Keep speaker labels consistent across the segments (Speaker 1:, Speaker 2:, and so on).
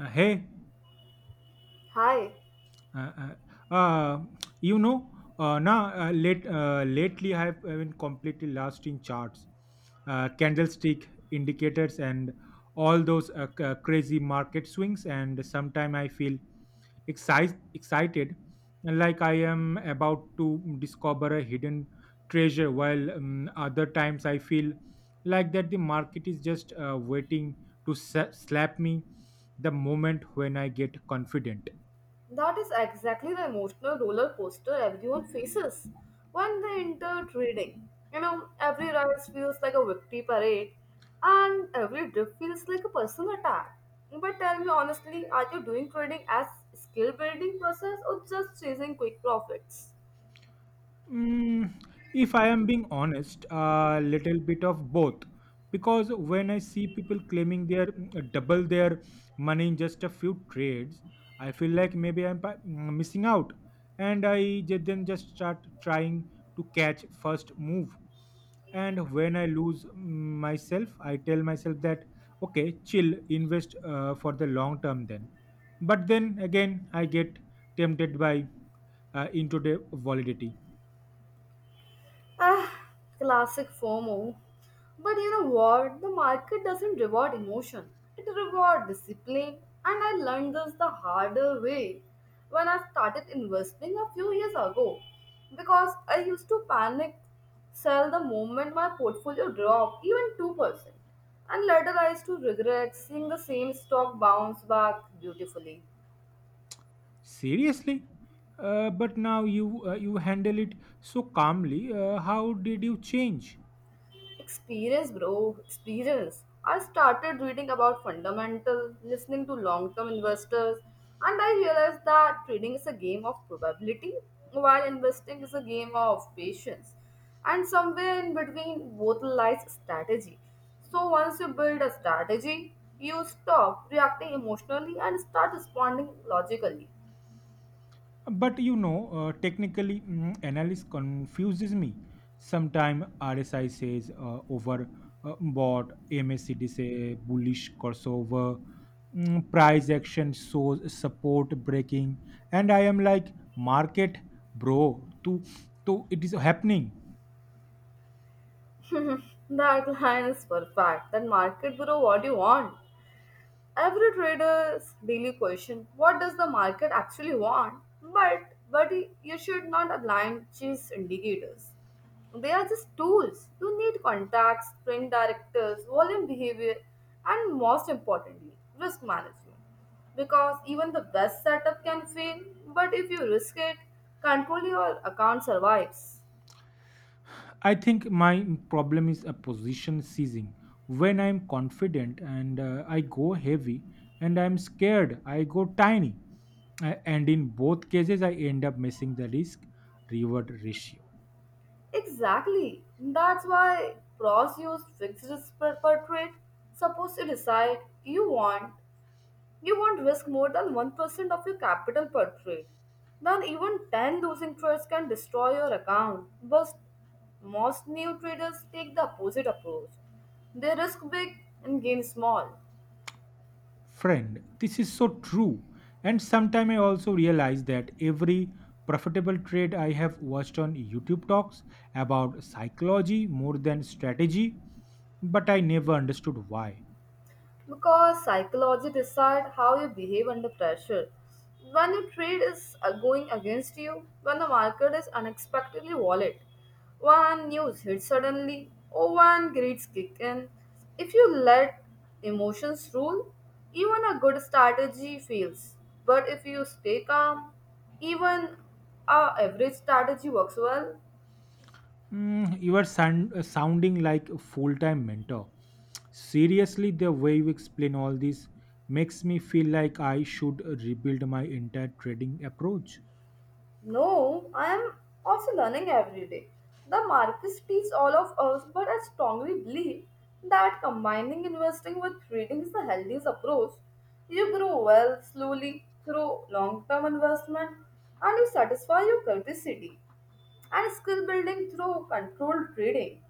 Speaker 1: Hey.
Speaker 2: Hi,
Speaker 1: uh, uh, uh, you know, lately I have been completely lost in charts, candlestick indicators, and all those crazy market swings. And sometimes I feel excited, like I am about to discover a hidden treasure, while other times I feel like that the market is just waiting to slap me the moment when I get confident.
Speaker 2: that is exactly the emotional roller coaster everyone faces when they enter trading. You know, every rise feels like a victory parade, and every dip feels like a personal attack. But tell me honestly, are you doing trading as skill building process or just chasing quick profits?
Speaker 1: Mm, if I am being honest, a little bit of both. Because when I see people claiming their double their money in just a few trades, I feel like maybe I'm missing out, and I ju- then just start trying to catch first move. And when I lose myself, I tell myself that okay, chill, invest for the long term then. But then again, I get tempted by into the validity.
Speaker 2: Ah, classic FOMO. But you know what? The market doesn't reward emotion, it rewards discipline. And I learned this the harder way when I started investing a few years ago because I used to panic, sell the moment my portfolio dropped even 2%. And later I used to regret seeing the same stock bounce back beautifully.
Speaker 1: Seriously? But now you handle it so calmly. How did you change?
Speaker 2: Experience, bro, experience. I started reading about fundamental, listening to long term investors, and I realized that trading is a game of probability while investing is a game of patience. And somewhere in between, both lies strategy. So once you build a strategy, you stop reacting emotionally and start responding logically.
Speaker 1: But you know, technically, analysis confuses me. Sometimes RSI says over bought, MACD say bullish crossover, price action shows support breaking, and I am like market bro. To it is happening.
Speaker 2: That line is perfect. That market, bro, what do you want? Every trader's daily question, what does the market actually want? But you should not blind chase indicators. They are just tools. You need contacts, print directors, volume behavior, and most importantly, risk management. Because even the best setup can fail, but if you risk it, control your account survives.
Speaker 1: I think my problem is a position seizing. When I'm confident and I go heavy, and I'm scared, I go tiny. And in both cases, I end up missing the risk reward ratio.
Speaker 2: Exactly. That's why pros use fixed spread per trade. Suppose you decide you won't risk more than 1% of your capital per trade. Then even 10 losing trades can destroy your account. But most new traders take the opposite approach. They risk big and gain small.
Speaker 1: Friend, this is so true. And sometimes I also realize that every profitable trade I have watched on YouTube talks about psychology more than strategy, but I never understood why.
Speaker 2: Because psychology decide how you behave under pressure. When your trade is going against you, when the market is unexpectedly volatile, when news hits suddenly, or when grades kick in, if you let emotions rule, even a good strategy fails. But if you stay calm, even a average strategy works well.
Speaker 1: You are sounding like a full time mentor. Seriously, the way you explain all this makes me feel like I should rebuild my entire trading approach.
Speaker 2: No, I am also learning every day. The markets teach all of us, but I strongly believe that combining investing with trading is the healthiest approach. You grow wealth slowly through long term investment and you satisfy your curiosity and skill building through controlled trading.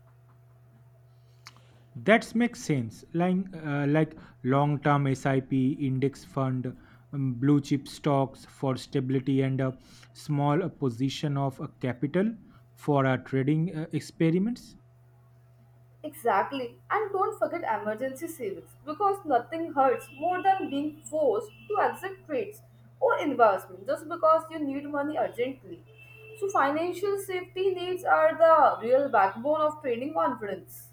Speaker 1: That makes sense. Like long term SIP, index fund, blue chip stocks for stability, and a small position of capital for our trading experiments.
Speaker 2: Exactly. And don't forget emergency savings because nothing hurts more than being forced to exit trades or investment just because you need money urgently. So, financial safety needs are the real backbone of trading confidence.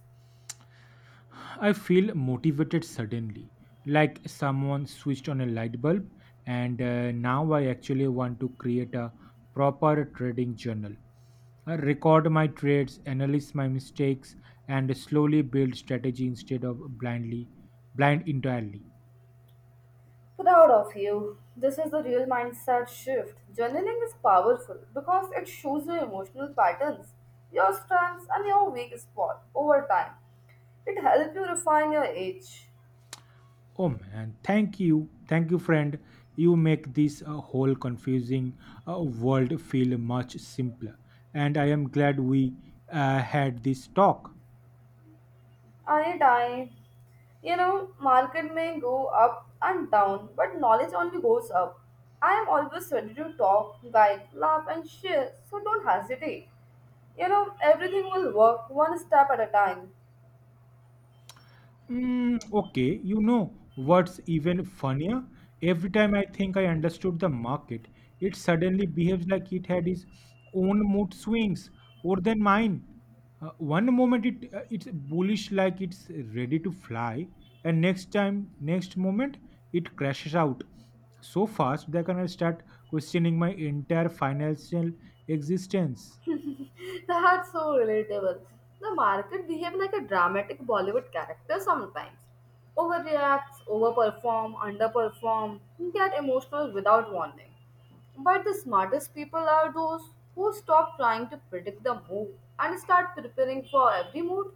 Speaker 1: I feel motivated suddenly, like someone switched on a light bulb, and now I actually want to create a proper trading journal. I record my trades, analyze my mistakes, and slowly build strategy instead of blindly, blind entirely.
Speaker 2: Proud of you. This is the real mindset shift. Journaling is powerful because it shows your emotional patterns, your strengths, and your weak spot over time. It helps you refine your edge.
Speaker 1: Oh man, thank you, friend. You make this whole confusing world feel much simpler, and I am glad we had this talk.
Speaker 2: Anytime. You know, market may go up and down, but knowledge only goes up. I am always ready to talk, guide, laugh, and share, so don't hesitate. You know, everything will work one step at a time.
Speaker 1: Okay, you know what's even funnier? Every time I think I understood the market, it suddenly behaves like it had its own mood swings or than mine. One moment it's bullish like it's ready to fly, and next time, next moment, it crashes out so fast that I can start questioning my entire financial existence.
Speaker 2: That's so relatable. The market behave like a dramatic Bollywood character sometimes. Overreacts, overperform, underperform, get emotional without warning. But the smartest people are those who stop trying to predict the mood and start preparing for every mood.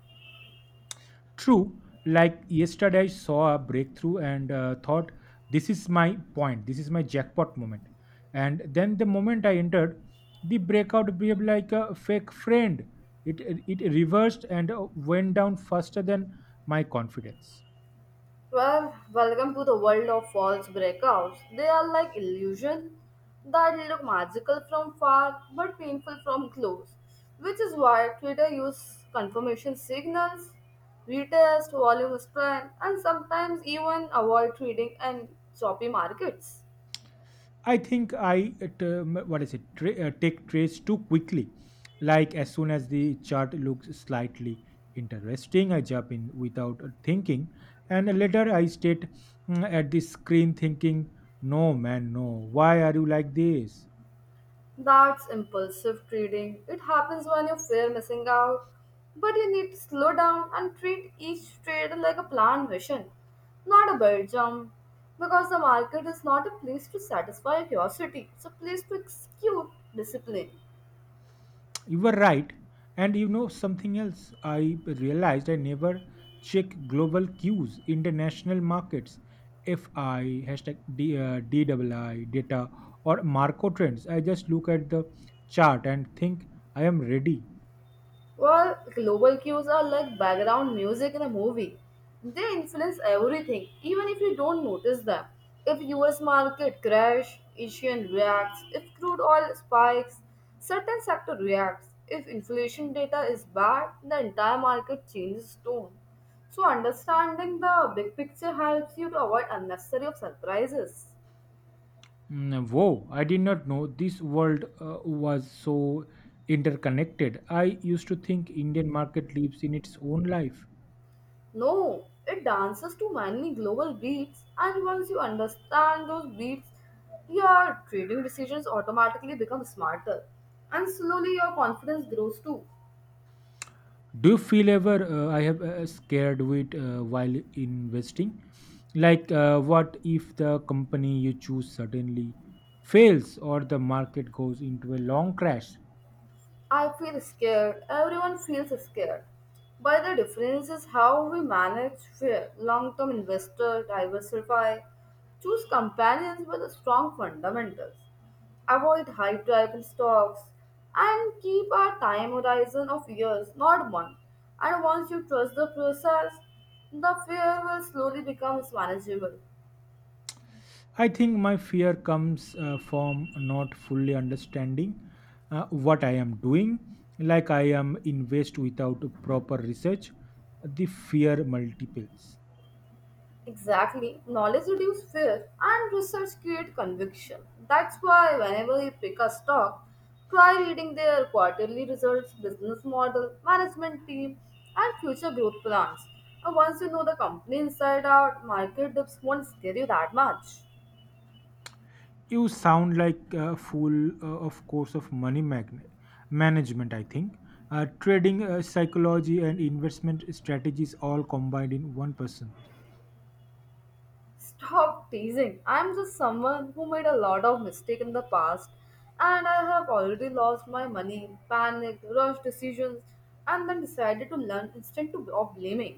Speaker 1: True, like yesterday, I saw a breakthrough and thought, this is my point, this is my jackpot moment. And then the moment I entered, the breakout behaved like a fake friend. It reversed and went down faster than my confidence.
Speaker 2: Well, welcome to the world of false breakouts. They are like illusion that look magical from far but painful from close, which is why Twitter uses confirmation signals, retest, volume spread, and sometimes even avoid trading and choppy markets.
Speaker 1: I think I t- what is it tra- take trades too quickly. Like as soon as the chart looks slightly interesting, I jump in without thinking, and later I state at the screen thinking, "No man, no. Why are you like this?"
Speaker 2: That's impulsive trading. It happens when you fear missing out, but you need to slow down and treat each trade like a planned mission, not a bird jump. Because the market is not a place to satisfy curiosity, it's a place to execute discipline.
Speaker 1: You were right. And you know something else I realized I never check global cues, international markets, FI, hashtag D, DWI, data, or Marco trends. I just look at the chart and think I am ready.
Speaker 2: Well, global cues are like background music in a movie. They influence everything, even if you don't notice them. If US market crash, Asian reacts. If crude oil spikes, certain sector reacts. If inflation data is bad, the entire market changes tone. So understanding the big picture helps you to avoid unnecessary of surprises.
Speaker 1: Whoa, I did not know this world was so interconnected. I used to think Indian market lives in its own life.
Speaker 2: No, it dances to many global beats, and once you understand those beats, your trading decisions automatically become smarter, and slowly your confidence grows too.
Speaker 1: Do you feel ever I have scared with while investing, like what if the company you choose suddenly fails or the market goes into a long crash?
Speaker 2: I feel scared. Everyone feels scared. But the difference is how we manage fear. Long-term investor, diversify, choose companions with strong fundamentals, avoid high rival stocks, and keep our time horizon of years, not month. And once you trust the process, the fear will slowly become manageable.
Speaker 1: I think my fear comes from not fully understanding what I am doing. Like I am invest without proper research, the fear multiples.
Speaker 2: Exactly. Knowledge reduces fear and research creates conviction. That's why whenever you pick a stock, try reading their quarterly results, business model, management team, and future growth plans. And once you know the company inside out, market dips won't scare you that much.
Speaker 1: You sound like a fool of course of management, I think. Trading psychology and investment strategies all combined in one person.
Speaker 2: Stop teasing. I'm just someone who made a lot of mistakes in the past and I have already lost my money, panicked, rushed decisions, and then decided to learn of blaming.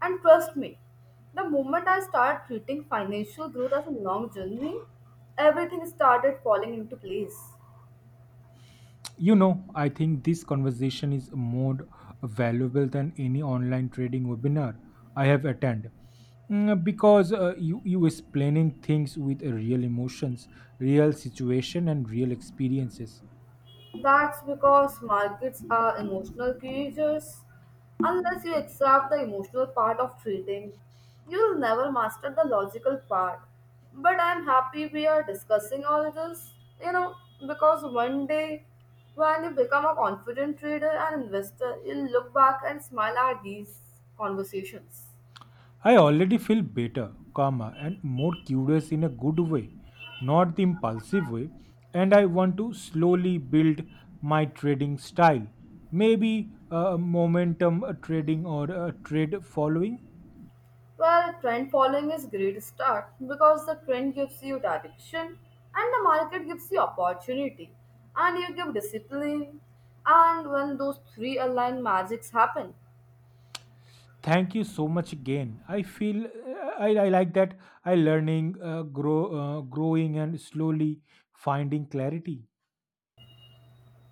Speaker 2: And trust me, the moment I start treating financial growth as a long journey, everything started falling into place.
Speaker 1: You know, I think this conversation is more valuable than any online trading webinar I have attended. Because you explaining things with real emotions, real situation and real experiences.
Speaker 2: That's because markets are emotional creatures. Unless you accept the emotional part of trading, you'll never master the logical part. But I'm happy we are discussing all this, you know, because one day when you become a confident trader and investor, you'll look back and smile at these conversations.
Speaker 1: I already feel better, calmer, and more curious in a good way, not the impulsive way, and I want to slowly build my trading style. Maybe momentum trading or trade following.
Speaker 2: Well, trend following is great start because the trend gives you direction and the market gives you opportunity and you give discipline and when those three aligned magics happen,
Speaker 1: Thank you so much again. I feel I like that I growing, and slowly finding clarity.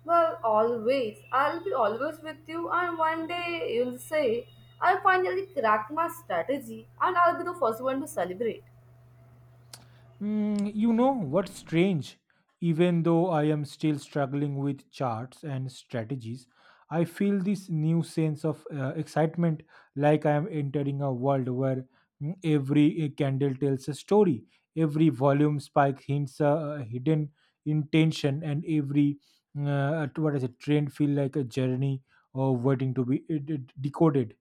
Speaker 2: well always I'll be always with you and one day you'll say I finally cracked my strategy and I'll be the first one to celebrate.
Speaker 1: You know what's strange? Even though I am still struggling with charts and strategies, I feel this new sense of excitement, like I am entering a world where every candle tells a story, every volume spike hints a hidden intention, and every trend feel like a journey or waiting to be decoded.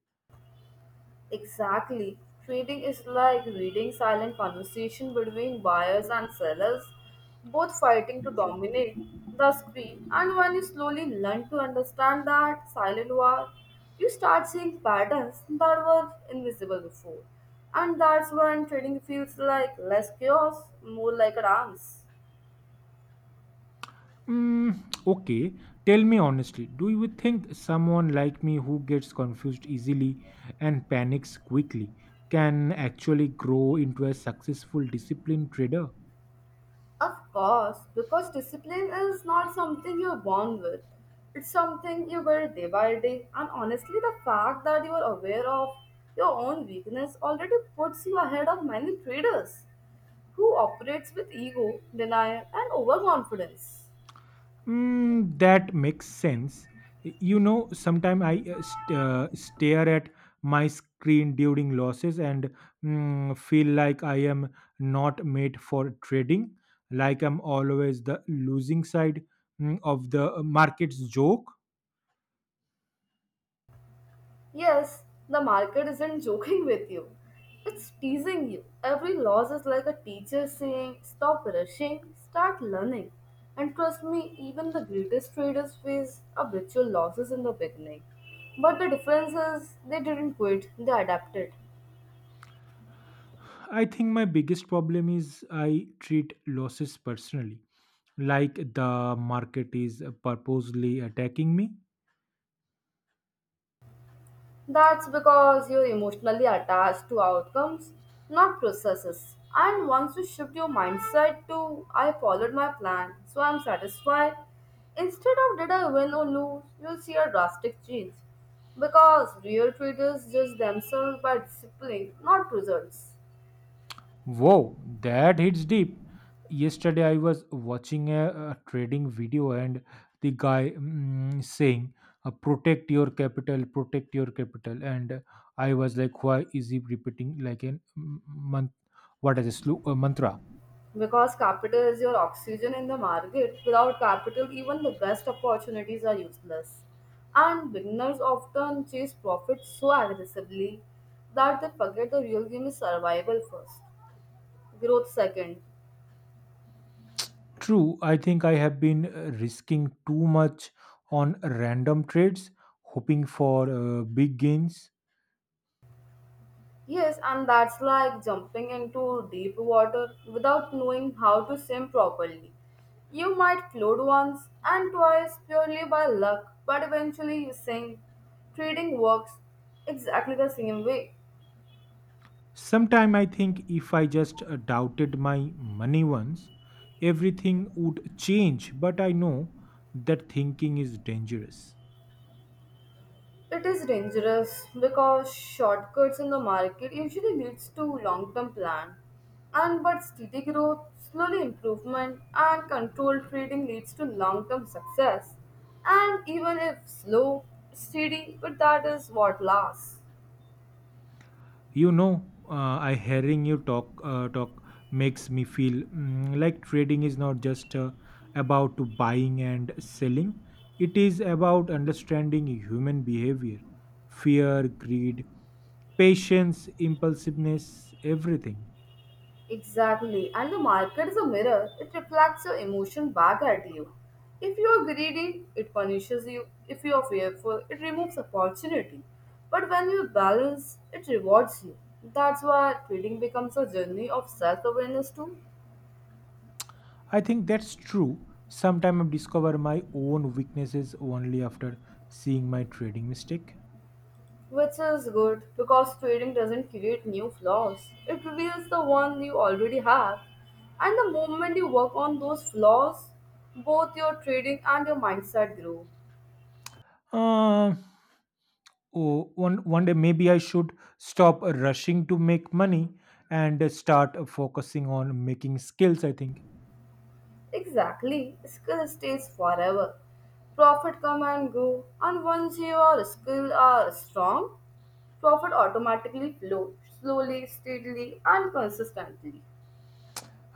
Speaker 2: Exactly. Trading is like reading silent conversation between buyers and sellers, both fighting to dominate the screen. And when you slowly learn to understand that silent war, you start seeing patterns that were invisible before. And that's when trading feels like less chaos, more like a dance.
Speaker 1: Mm, okay, tell me honestly, do you think someone like me who gets confused easily and panics quickly can actually grow into a successful disciplined trader?
Speaker 2: Of course, because discipline is not something you're born with. It's something you build day by day, and honestly, the fact that you are aware of your own weakness already puts you ahead of many traders who operates with ego, denial, and overconfidence.
Speaker 1: Mm, that makes sense. You know, sometimes I stare at my screen during losses and feel like I am not made for trading, like I'm always the losing side of the market's joke.
Speaker 2: Yes, the market isn't joking with you. It's teasing you. Every loss is like a teacher saying, stop rushing, start learning. And trust me, even the greatest traders face habitual losses in the beginning. But the difference is they didn't quit, they adapted.
Speaker 1: I think my biggest problem is I treat losses personally, like the market is purposely attacking me.
Speaker 2: That's because you're emotionally attached to outcomes, not processes. And once you shift your mindset to, I followed my plan, so I'm satisfied, instead of did I win or lose, you'll see a drastic change. Because real traders judge themselves by discipline, not results.
Speaker 1: Whoa, that hits deep. Yesterday I was watching a trading video and the guy saying, protect your capital," and I was like, "Why is he repeating like a month? What is a slow a mantra?"
Speaker 2: Because capital is your oxygen in the market. Without capital, even the best opportunities are useless. And beginners often chase profit so aggressively that they forget the real game is survival first, growth second.
Speaker 1: True, I think I have been risking too much on random trades, hoping for big gains.
Speaker 2: Yes, and that's like jumping into deep water without knowing how to swim properly. You might float once and twice purely by luck, but eventually you sink. Trading works exactly the same way.
Speaker 1: Sometime I think if I just doubted my money once, everything would change, but I know that thinking is dangerous.
Speaker 2: It is dangerous because shortcuts in the market usually leads to long-term plan. And but steady growth, slowly improvement, and controlled trading leads to long-term success. And even if slow, steady, but that is what lasts.
Speaker 1: You know, I hearing you talk talk makes me feel like trading is not just about to buying and selling. It is about understanding human behavior, fear, greed, patience, impulsiveness, everything.
Speaker 2: Exactly. And the market is a mirror. It reflects your emotion back at you. If you are greedy, it punishes you. If you are fearful, it removes opportunity. But when you balance, it rewards you. That's why trading becomes a journey of self awareness too.
Speaker 1: I think that's true. Sometimes I discover my own weaknesses only after seeing my trading mistake.
Speaker 2: Which is good because trading doesn't create new flaws. It reveals the one you already have. And the moment you work on those flaws, both your trading and your mindset grow.
Speaker 1: Uh, oh, one one day maybe I should stop rushing to make money and start focusing on making skills, I think.
Speaker 2: Exactly, skill stays forever. Profit come and go, and once your skill are strong, profit automatically flow slowly, steadily, and consistently.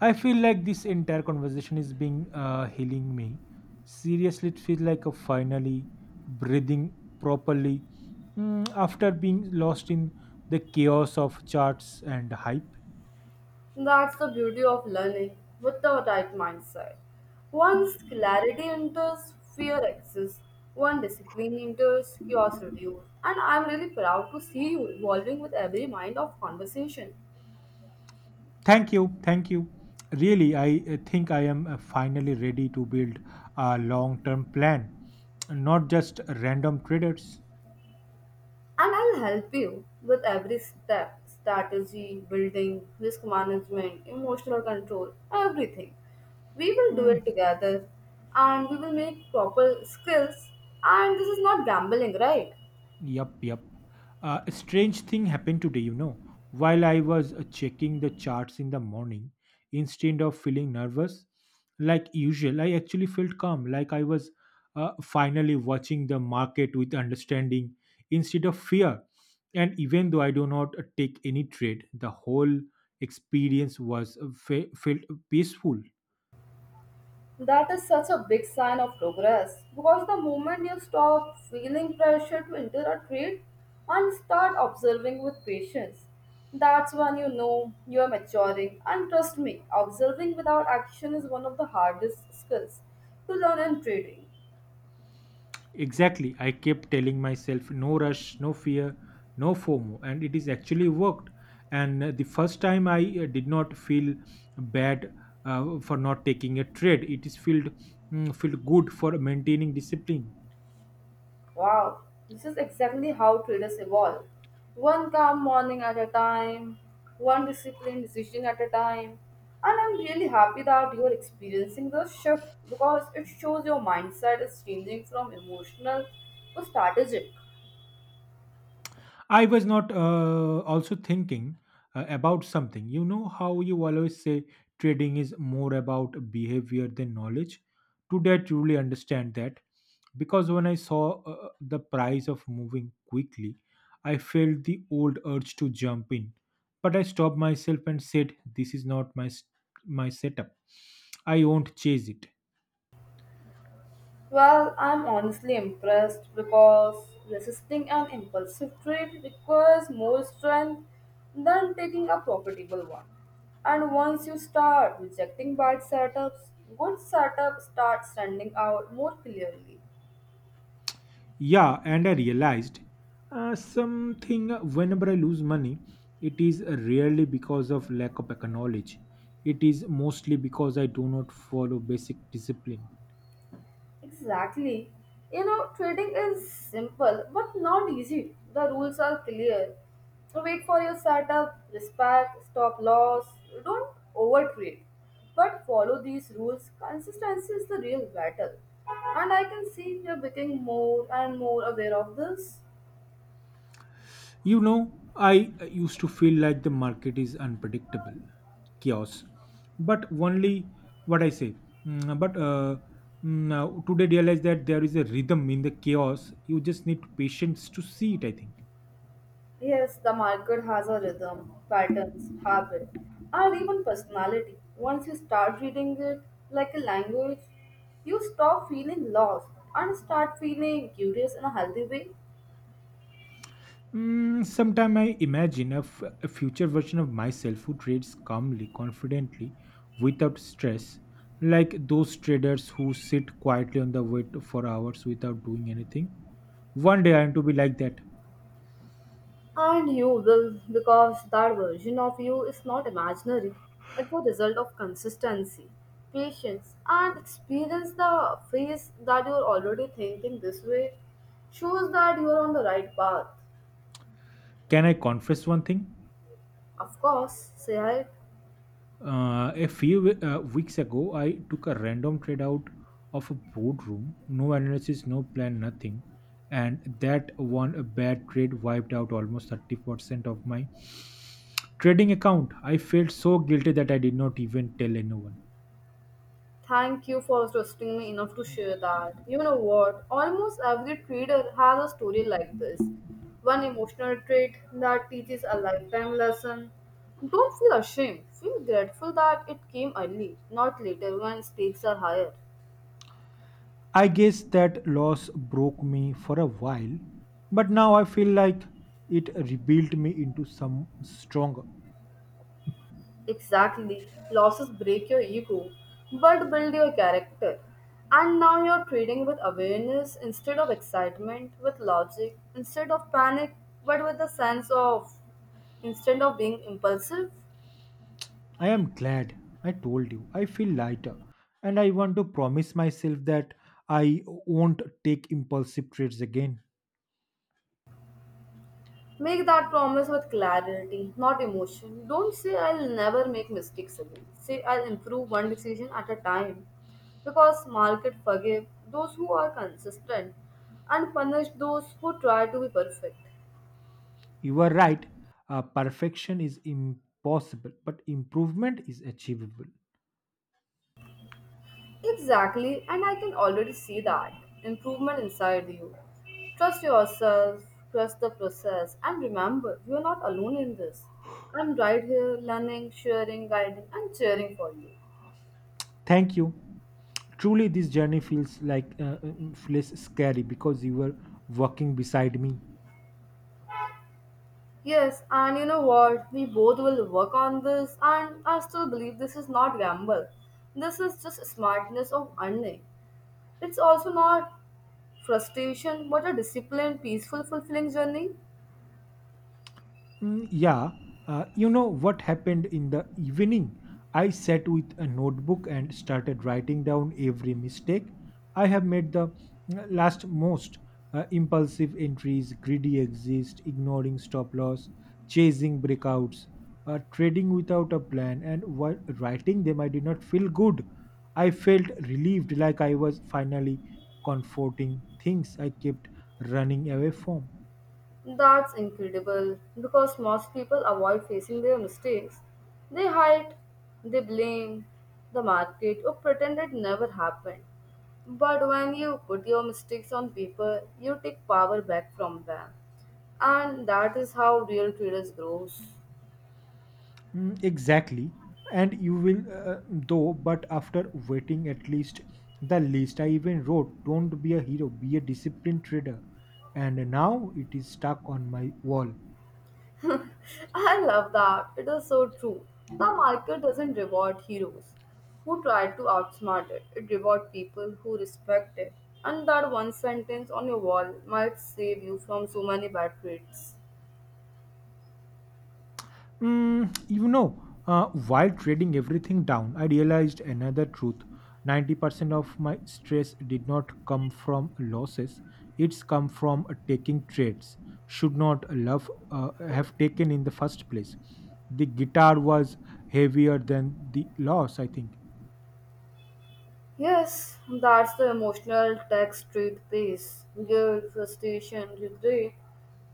Speaker 1: I feel like this entire conversation is being healing me. Seriously, it feels like a finally breathing properly after being lost in the chaos of charts and hype.
Speaker 2: That's the beauty of learning with the right mindset. Once clarity enters, fear exists. One discipline enters, chaos reduces. And I'm really proud to see you evolving with every mind of conversation.
Speaker 1: Thank you, thank you. Really, I think I am finally ready to build a long-term plan, not just random traders.
Speaker 2: And I'll help you with every step strategy, building, risk management, emotional control, everything. We will do it
Speaker 1: Mm,
Speaker 2: together and we will make proper skills. And this is not gambling, right?
Speaker 1: Yup, yup. A strange thing happened today, you know. While I was checking the charts in the morning, instead of feeling nervous, like usual, I actually felt calm, like I was finally watching the market with understanding instead of fear. And even though I do not take any trade, the whole experience was felt peaceful.
Speaker 2: That is such a big sign of progress because the moment you stop feeling pressure to enter a trade and start observing with patience, that's when you know you are maturing. And trust me, observing without action is one of the hardest skills to learn in trading.
Speaker 1: Exactly. I kept telling myself no rush, no fear, no FOMO, and it is actually worked. And the first time I did not feel bad for not taking a trade. It is felt felt good for maintaining discipline.
Speaker 2: Wow, this is exactly how traders evolve. One calm morning at a time, one disciplined decision at a time. And I'm really happy that you're experiencing the shift because it shows your mindset is changing from emotional to strategic.
Speaker 1: I was not also thinking about something. You know how you always say trading is more about behavior than knowledge? Today, I truly understand that because when I saw the price of moving quickly, I felt the old urge to jump in. But I stopped myself and said, this is not my setup. I won't chase it.
Speaker 2: Well, I'm honestly impressed because resisting an impulsive trade requires more strength than taking a profitable one. And once you start rejecting bad setups, good setups start standing out more clearly.
Speaker 1: Yeah, and I realized something whenever I lose money, it is rarely because of lack of knowledge. It is mostly because I do not follow basic discipline.
Speaker 2: Exactly. You know, trading is simple but not easy. The rules are clear. Wait for your setup, respect, stop loss, don't overtrade. But follow these rules. Consistency is the real battle. And I can see you're becoming more and more aware of this.
Speaker 1: You know, I used to feel like the market is unpredictable, chaos. But only what I say. Mm, But uh, Today realize that there is a rhythm in the chaos. You just need patience to see it, I think.
Speaker 2: Yes, the market has a rhythm, patterns, habit, and even personality. Once you start reading it like a language, you stop feeling lost and start feeling curious in a healthy way.
Speaker 1: Sometimes I imagine a future version of myself who trades calmly, confidently, without stress, like those traders who sit quietly on the wait for hours without doing anything. One day I am to be like that.
Speaker 2: And you will, because that version of you is not imaginary. It's a result of consistency, patience, and experience the phase that you're already thinking this way shows that you're on the right path.
Speaker 1: Can I confess one thing?
Speaker 2: Of course, say hi.
Speaker 1: A few weeks ago, I took a random trade out of a boardroom, no analysis, no plan, nothing, and that one bad trade wiped out almost 30% of my trading account. I felt so guilty that I did not even tell anyone.
Speaker 2: Thank you for trusting me enough to share that. You know what? Almost every trader has a story like this. One emotional trait that teaches a lifetime lesson. Don't feel ashamed. Feel grateful that it came early, not later when stakes are higher.
Speaker 1: I guess that loss broke me for a while, but now I feel like it rebuilt me into some stronger.
Speaker 2: Exactly. Losses break your ego, but build your character. And now you're trading with awareness instead of excitement, with logic instead of panic, but with a sense of instead of being impulsive.
Speaker 1: I am glad I told you. I feel lighter, and I want to promise myself that I won't take impulsive trades again.
Speaker 2: Make that promise with clarity, not emotion. Don't say, I'll never make mistakes again. Say, I'll improve one decision at a time. Because market forgive those who are consistent and punish those who try to be perfect.
Speaker 1: You are right. Perfection is impossible, but improvement is achievable.
Speaker 2: Exactly, and I can already see that improvement inside you. Trust yourself, trust the process, and remember, you are not alone in this. I'm right here learning, sharing, guiding, and cheering for you.
Speaker 1: Thank you. Truly, this journey feels like feels scary because you were walking beside me.
Speaker 2: Yes, and you know what? We both will work on this, and I still believe this is not gamble. This is just smartness of earning. It's also not frustration, but a disciplined, peaceful, fulfilling journey.
Speaker 1: Yeah, you know what happened in the evening? I sat with a notebook and started writing down every mistake I have made, the last most impulsive entries, greedy exist, ignoring stop loss, chasing breakouts, trading without a plan. And while writing them, I did not feel good. I felt relieved, like I was finally comforting things I kept running away from.
Speaker 2: That's incredible because most people avoid facing their mistakes. They hide, they blame the market, or pretend it never happened. But when you put your mistakes on paper, you take power back from them. And that is how real traders grows.
Speaker 1: Exactly, and you will though but after waiting at least the least, I even wrote, don't be a hero, be a disciplined trader, and now it is stuck on my wall.
Speaker 2: I love that. It is so true. The market doesn't reward heroes who try to outsmart it. It rewards people who respect it. And that one sentence on your wall might save you from so many bad trades.
Speaker 1: You know, while trading everything down, I realized another truth. 90% of my stress did not come from losses, it's come from taking trades. Should not love have taken in the first place. The guitar was heavier than the loss, I think.
Speaker 2: Yes, that's the emotional text treat piece. Guilt, frustration, regret.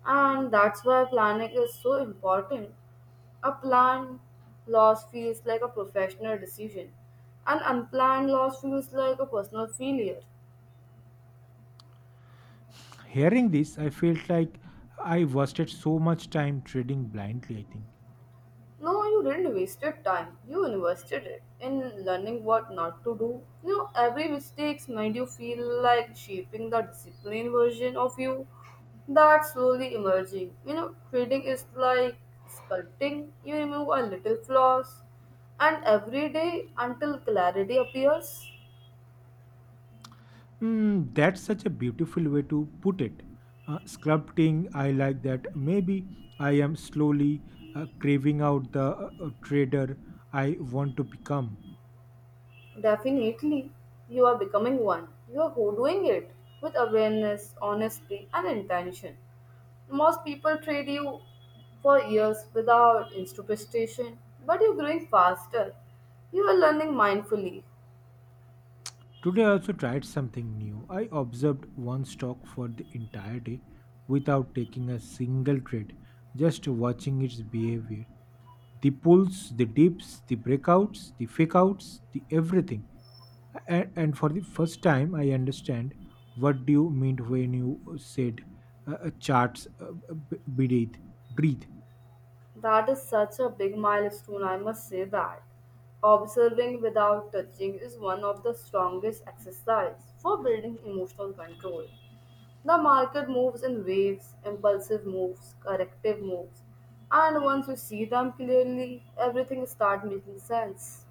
Speaker 2: And that's why planning is so important. A planned loss feels like a professional decision. An unplanned loss feels like a personal failure.
Speaker 1: Hearing this, I felt like I wasted so much time trading blindly, I think.
Speaker 2: No, you didn't waste your time. You invested it in learning what not to do. You know, every mistakes made you feel like shaping the disciplined version of you that's slowly emerging. You know, trading is like sculpting. You remove a little flaws, and every day until clarity appears.
Speaker 1: That's such a beautiful way to put it. Sculpting, I like that. Maybe I am slowly craving out the trader I want to become.
Speaker 2: Definitely, you are becoming one. You are doing it with awareness, honesty, and intention. Most people trade you for years without instrumentation, but you're growing faster. You are learning mindfully.
Speaker 1: Today, I also tried something new. I observed one stock for the entire day without taking a single trade, just watching its behavior. The pulls, the dips, the breakouts, the fakeouts, the everything. And for the first time I understand what do you mean when you said charts b- breathe breathe.
Speaker 2: That is such a big milestone, I must say that. Observing without touching is one of the strongest exercise for building emotional control. The market moves in waves, impulsive moves, corrective moves, and once you see them clearly, everything starts making sense.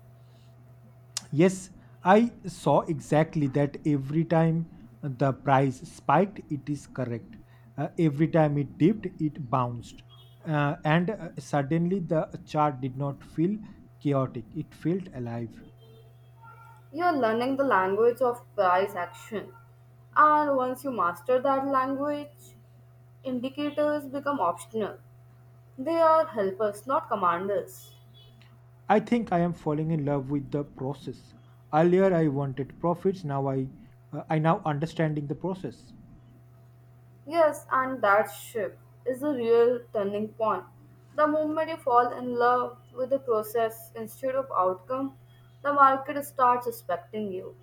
Speaker 1: Yes, I saw exactly that every time the price spiked, it is correct. Every time it dipped, it bounced. And Suddenly the chart did not feel chaotic, it felt alive.
Speaker 2: You're learning the language of price action. And once you master that language, indicators become optional. They are helpers, not commanders.
Speaker 1: I think I am falling in love with the process. Earlier I wanted profits, now I now understanding the process.
Speaker 2: Yes, and that shift is the real turning point. The moment you fall in love with the process instead of outcome, the market starts respecting you.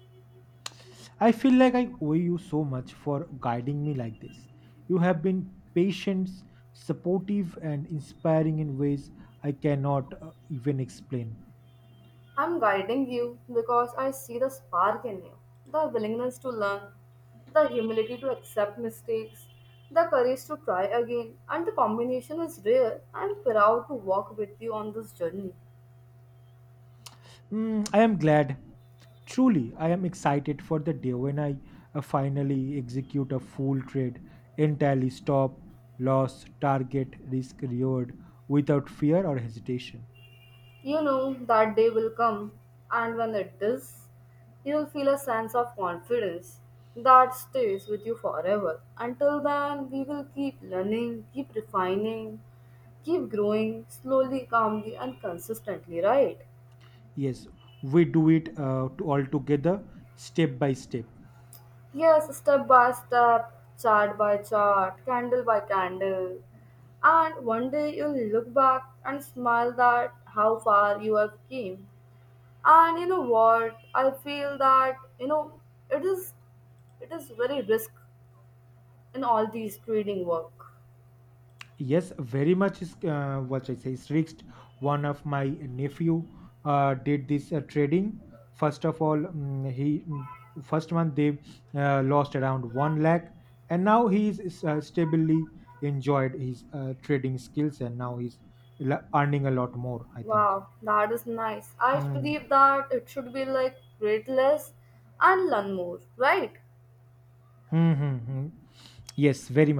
Speaker 1: I feel like I owe you so much for guiding me like this. You have been patient, supportive and inspiring in ways I cannot even explain.
Speaker 2: I'm guiding you because I see the spark in you, the willingness to learn, the humility to accept mistakes, the courage to try again, and the combination is rare. I'm proud to walk with you on this journey.
Speaker 1: I am glad. Truly, I am excited for the day when I finally execute a full trade, entirely stop, loss, target, risk, reward, without fear or hesitation.
Speaker 2: You know that day will come, and when it does, you'll feel a sense of confidence that stays with you forever. Until then, we will keep learning, keep refining, keep growing slowly, calmly, and consistently, right?
Speaker 1: Yes, we do it to all together, step by step.
Speaker 2: Yes, step by step, chart by chart, candle by candle. And one day you'll look back and smile that how far you have came. And you know what? I feel that you know it is it is very risk in all these trading work.
Speaker 1: Yes, very much is what I say is risked. One of my nephew did this trading. First of all, first month they lost around one lakh, and now he is stably enjoyed his trading skills, and now he's earning a lot more, I think.
Speaker 2: Wow, that is nice. I
Speaker 1: Mm.
Speaker 2: believe that it should be like read less and learn more, right?
Speaker 1: Hmm, hmm, hmm. Yes, very much.